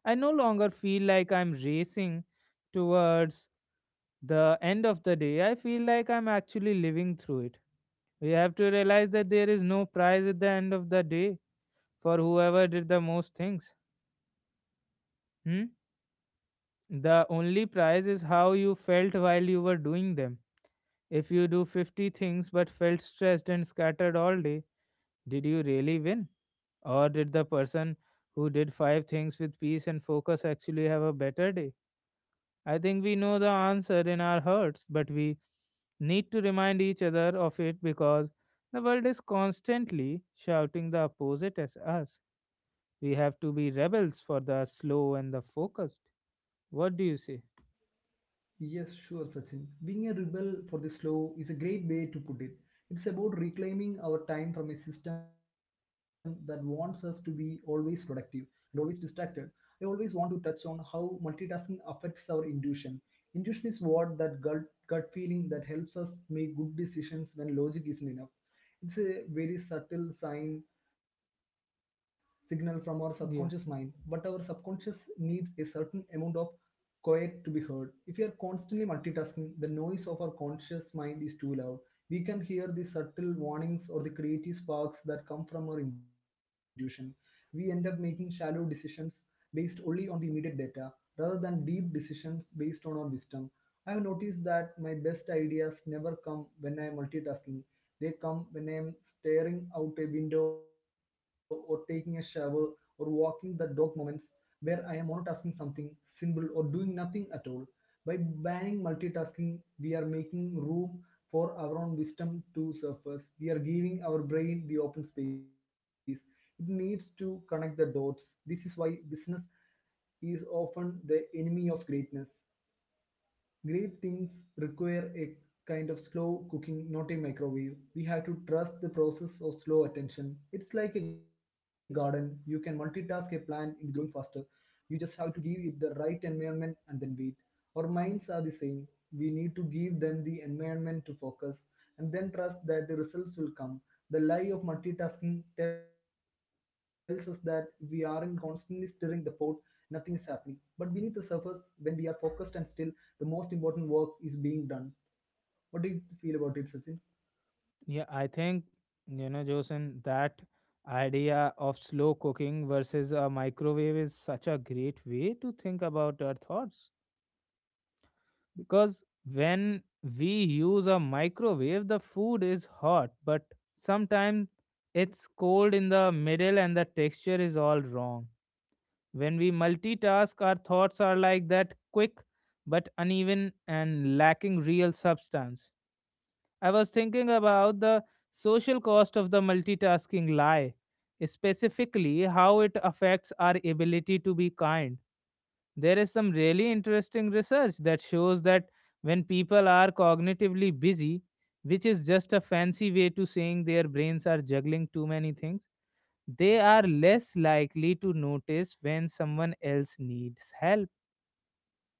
Speaker 1: I no longer feel like I'm racing towards the end of the day. I feel like I'm actually living through it. We have to realize that there is no prize at the end of the day for whoever did the most things. Hmm? The only prize is how you felt while you were doing them. If you do 50 things but felt stressed and scattered all day, did you really win? Or did the person who did five things with peace and focus actually have a better day? I think we know the answer in our hearts, but we need to remind each other of it because the world is constantly shouting the opposite as us. We have to be rebels for the slow and the focused. What do you say?
Speaker 2: Yes, sure, Sachin. Being a rebel for the slow is a great way to put it. It's about reclaiming our time from a system that wants us to be always productive and always distracted. I always want to touch on how multitasking affects our intuition. Intuition is what that gut feeling that helps us make good decisions when logic isn't enough. It's a very subtle signal from our subconscious mind, but our
Speaker 1: Yeah.
Speaker 2: subconscious needs a certain amount of quiet to be heard. If we are constantly multitasking, the noise of our conscious mind is too loud. We can hear the subtle warnings or the creative sparks that come from our intuition. We end up making shallow decisions based only on the immediate data rather than deep decisions based on our wisdom. I have noticed that my best ideas never come when I am multitasking. They come when I am staring out a window or taking a shower or walking the dog, moments where I am monotasking something simple or doing nothing at all. By banning multitasking, we are making room for our own wisdom to surface. We are giving our brain the open space. It needs to connect the dots. This is why business is often the enemy of greatness. Great things require a kind of slow cooking, not a microwave. We have to trust the process of slow attention. It's like a garden. You can multitask a plant in growing faster. You just have to give it the right environment and then wait. Our minds are the same. We need to give them the environment to focus and then trust that the results will come. The lie of multitasking tells us that if we aren't constantly stirring the pot, nothing is happening. But beneath the surface, when we are focused and still, the most important work is being done. What do you feel about it, Sachin?
Speaker 1: Yeah, I think, you know, Josen, that idea of slow cooking versus a microwave is such a great way to think about our thoughts. Because when we use a microwave, the food is hot, but sometimes it's cold in the middle and the texture is all wrong. When we multitask, our thoughts are like that, quick but uneven and lacking real substance. I was thinking about the social cost of the multitasking lie, specifically how it affects our ability to be kind. There is some really interesting research that shows that when people are cognitively busy, which is just a fancy way to saying their brains are juggling too many things, they are less likely to notice when someone else needs help.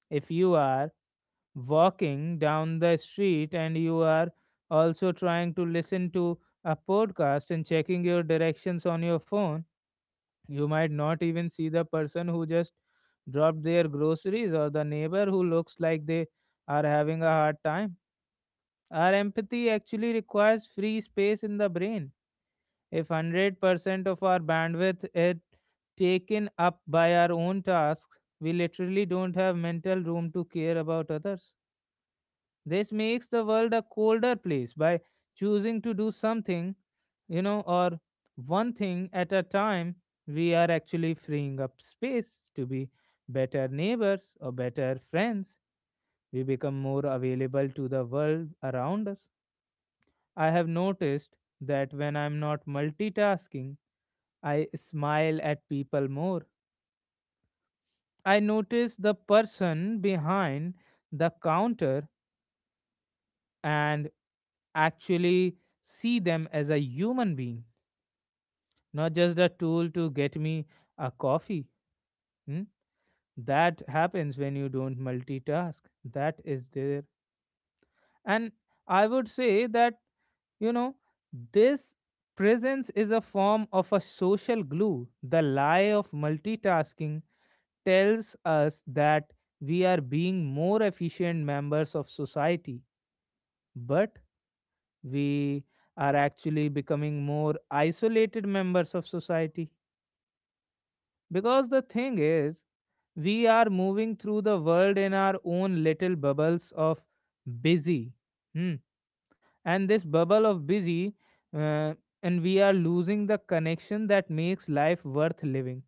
Speaker 1: If you are walking down the street and you are also trying to listen to a podcast and checking your directions on your phone, you might not even see the person who just dropped their groceries or the neighbor who looks like they are having a hard time. Our empathy actually requires free space in the brain. If 100% of our bandwidth is taken up by our own tasks, we literally don't have mental room to care about others. This makes the world a colder place. By choosing to do something, you know, or one thing at a time, we are actually freeing up space to be better neighbors or better friends. We become more available to the world around us. I have noticed that when I'm not multitasking, I smile at people more. I notice the person behind the counter and actually see them as a human being, not just a tool to get me a coffee. Hmm? That happens when you don't multitask. That is there. And I would say that, you know, this presence is a form of a social glue. The lie of multitasking tells us that we are being more efficient members of society. But we are actually becoming more isolated members of society because the thing is we are moving through the world in our own little bubbles of busy. Hmm. And this bubble of busy, uh, and we are losing the connection that makes life worth living.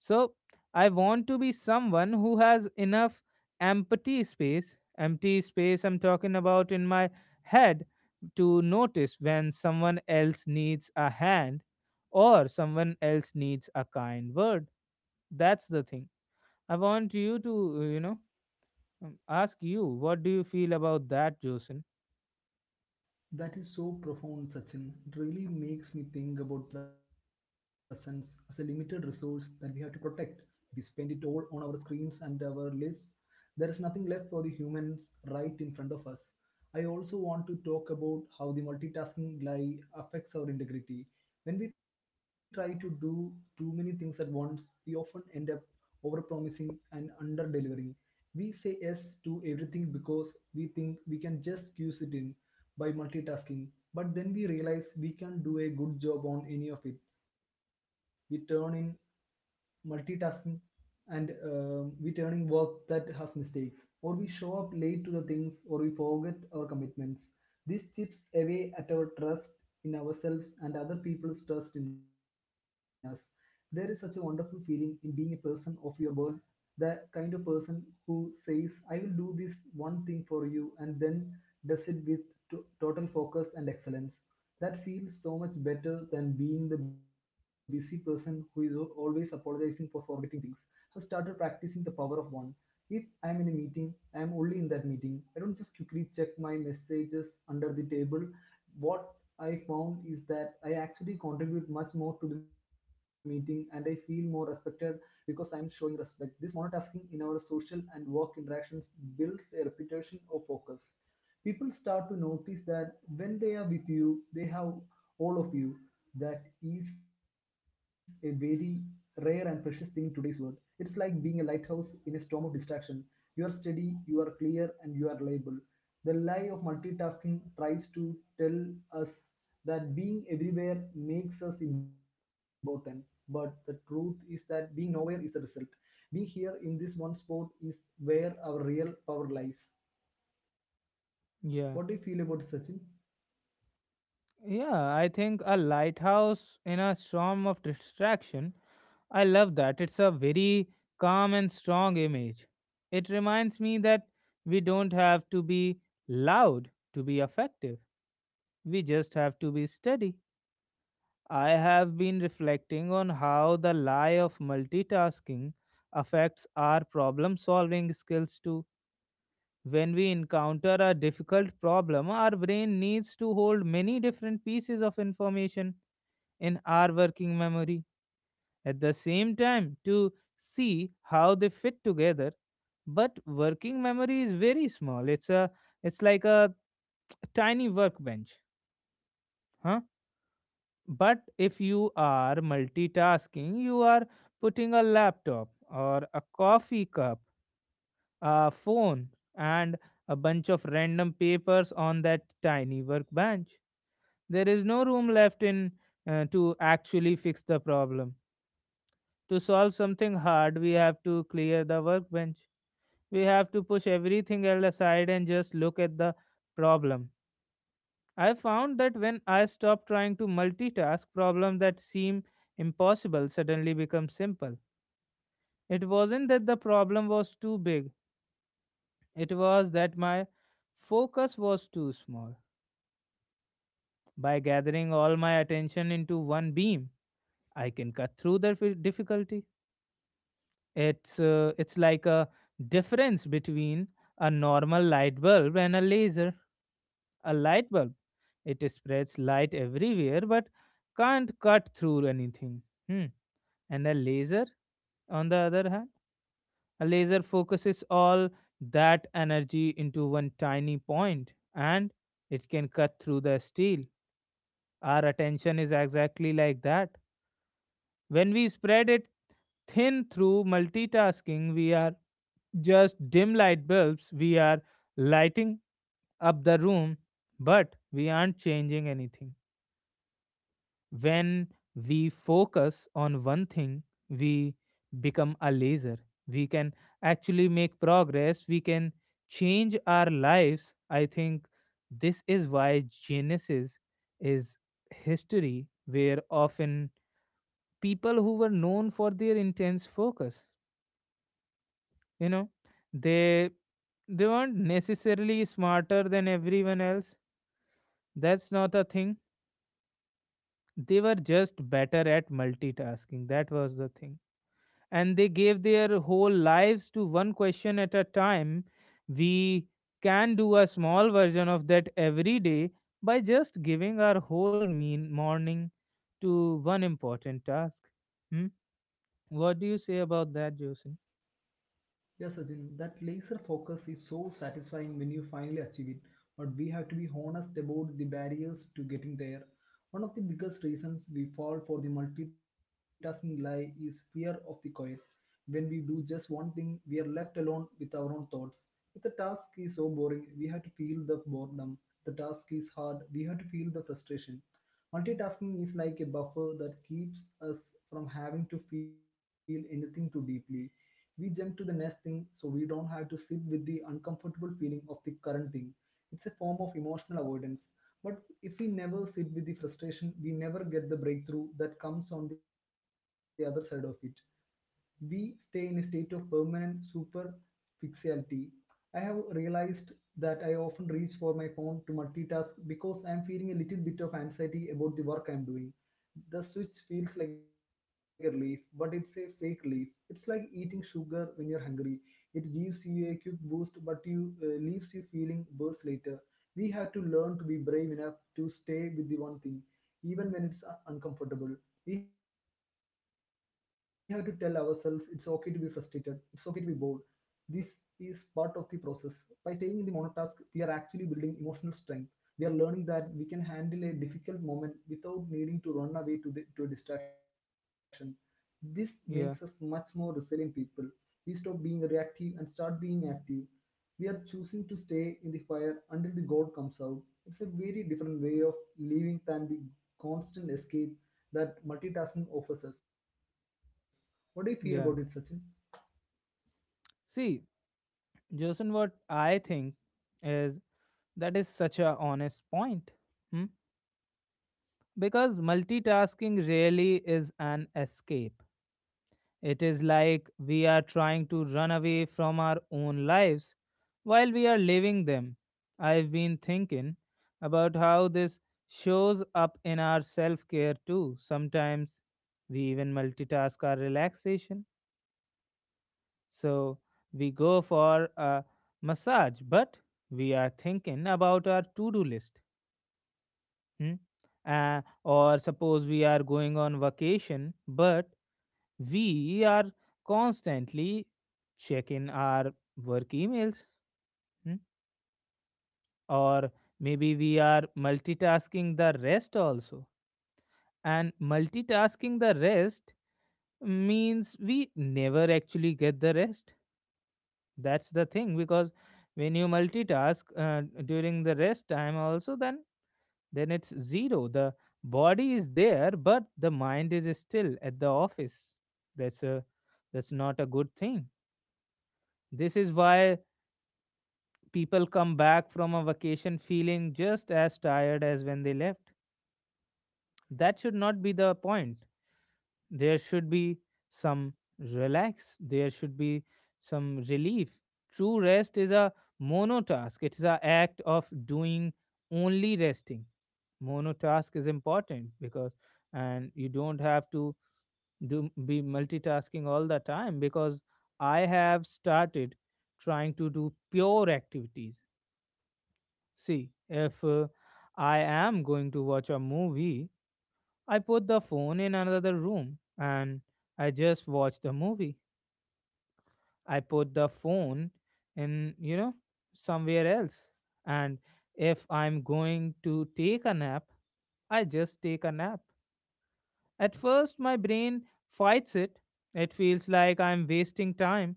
Speaker 1: So I want to be someone who has enough empty space I'm talking about in my head, to notice when someone else needs a hand or someone else needs a kind word. That's the thing. I want you to, ask you what do you feel about that, Josen?
Speaker 2: That is so profound, Sachin. It really makes me think about presence as a limited resource that we have to protect. If we spend it all on our screens and our lists, there is nothing left for the humans right in front of us. I also want to talk about how the multitasking lie affects our integrity. When we try to do too many things at once, we often end up overpromising and underdelivering. We say yes to everything because we think we can just squeeze it in, by multitasking, but then we realize we can't do a good job on any of it. We turn in multitasking and we turning work that has mistakes, or we show up late to the things, or we forget our commitments. This chips away at our trust in ourselves and other people's trust in us. There is such a wonderful feeling in being a person of your world, the kind of person who says I will do this one thing for you and then does it with total focus and excellence. That feels so much better than being the busy person who is always apologizing for forgetting things. Have started practicing the power of one. If I am in a meeting, I am only in that meeting. I don't just quickly check my messages under the table. What I found is that I actually contribute much more to the meeting and I feel more respected because I am showing respect. This monotasking in our social and work interactions builds a reputation of focus. People start to notice that when they are with you, they have all of you. That is a very rare and precious thing in today's world. It's like being a lighthouse in a storm of distraction. You are steady, you are clear, and you are reliable. The lie of multitasking tries to tell us that being everywhere makes us important, but the truth is that being nowhere is the result. Being here in this one spot is where our real power lies.
Speaker 1: Yeah.
Speaker 2: What do you feel about it, Sachin?
Speaker 1: Yeah, I think a lighthouse in a storm of distraction, I love that. It's a very calm and strong image. It reminds me that we don't have to be loud to be effective, we just have to be steady. I have been reflecting on how the lie of multitasking affects our problem solving skills too. When we encounter a difficult problem, our brain needs to hold many different pieces of information in our working memory at the same time to see how they fit together. But working memory is very small. It's like a tiny workbench. Huh. But if you are multitasking, you are putting a laptop or a coffee cup, a phone, and a bunch of random papers on that tiny workbench. There is no room left in to actually fix the problem. To solve something hard, we have to clear the workbench. We have to push everything else aside and just look at the problem. I found that when I stop trying to multitask, problems that seem impossible suddenly become simple. It wasn't that the problem was too big, it was that my focus was too small. By gathering all my attention into one beam, I can cut through the difficulty. It's like a difference between a normal light bulb and a laser. A light bulb, it spreads light everywhere but can't cut through anything. Hmm. And a laser, on the other hand, a laser focuses all that energy into one tiny point and it can cut through the steel. Our attention is exactly like that. When we spread it thin through multitasking, we are just dim light bulbs. We are lighting up the room, but we aren't changing anything. When we focus on one thing, we become a laser. We can actually make progress, we can change our lives. I think this is why Genesis is history, where often people who were known for their intense focus, you know, they they weren't necessarily smarter than everyone else, that's not a thing. They were just better at multitasking, that was the thing. And they gave their whole lives to one question at a time. We can do a small version of that every day by just giving our whole mean morning to one important task. Hmm? What do you say about that, Jason?
Speaker 2: Yes, Sachin, that laser focus is so satisfying when you finally achieve it. But we have to be honest about the barriers to getting there. One of the biggest reasons we fall for the multitasking lie is fear of the quiet. When we do just one thing, we are left alone with our own thoughts. If the task is so boring, we have to feel the boredom. If the task is hard, we have to feel the frustration. Multitasking is like a buffer that keeps us from having to feel anything too deeply. We jump to the next thing so we don't have to sit with the uncomfortable feeling of the current thing. It's a form of emotional avoidance. But if we never sit with the frustration, we never get the breakthrough that comes on the other side of it. We stay in a state of permanent superficiality. I have realized that I often reach for my phone to multitask because I am feeling a little bit of anxiety about the work I am doing. The switch feels like a relief, but it's a fake relief. It's like eating sugar when you're hungry. It gives you a quick boost, but you leaves you feeling worse later. We have to learn to be brave enough to stay with the one thing, even when it's uncomfortable. We have to tell ourselves it's okay to be frustrated, it's okay to be bored. This is part of the process. By staying in the monotask, we are actually building emotional strength. We are learning that we can handle a difficult moment without needing to run away to a distraction. This makes us much
Speaker 1: Yeah.
Speaker 2: more resilient people. We stop being reactive and start being active. We are choosing to stay in the fire until the gold comes out. It's a very different way of living than the constant escape that multitasking offers us. What do you feel about it, Sachin?
Speaker 1: Yeah, see, Jason, what I think is that is such a honest point. Hmm? Because multitasking really is an escape. It is like we are trying to run away from our own lives while we are living them. I've been thinking about how this shows up in our self care too. Sometimes we even multitask our relaxation. So we go for a massage, but we are thinking about our to do list. Hmm? Or suppose we are going on vacation, but we are constantly checking our work emails. Hmm? Or maybe we are multitasking the rest also. And multitasking the rest means we never actually get the rest. That's the thing, because when you multitask during the rest time also, then it's zero. The body is there but the mind is still at the office. That's a that's not a good thing. This is why people come back from a vacation feeling just as tired as when they left. That should not be the point. There should be some relax, there should be some relief. True rest is a monotask, it is an act of doing only resting. Monotask is important because, and you don't have to do be multitasking all the time. Because I have started trying to do pure activities. See, if I am going to watch a movie, I put the phone in another room and I just watched the movie. I put the phone in, you know, somewhere else. And if I'm going to take a nap, I just take a nap. At first, my brain fights it. It feels like I'm wasting time.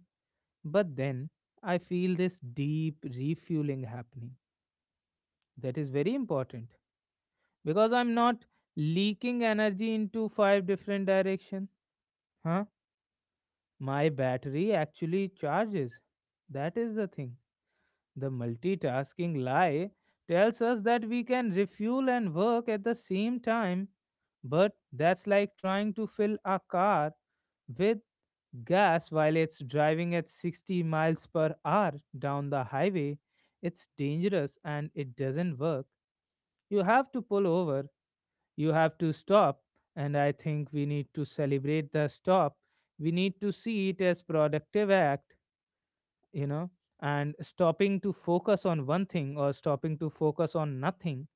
Speaker 1: But then I feel this deep refueling happening. That is very important because I'm not leaking energy into five different directions. Huh? My battery actually charges. That is the thing. The multitasking lie tells us that we can refuel and work at the same time, but that's like trying to fill a car with gas while it's driving at 60 miles per hour down the highway. It's dangerous and it doesn't work. You have to pull over, you have to stop, and I think we need to celebrate the stop. We need to see it as productive act, you know, and stopping to focus on one thing or stopping to focus on nothing,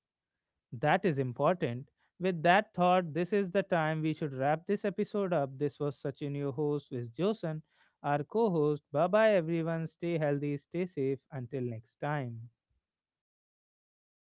Speaker 1: that is important. With that thought, this is the time we should wrap this episode up. This was Sachin your host with Josan our co-host. Bye bye everyone, stay healthy, stay safe until next time.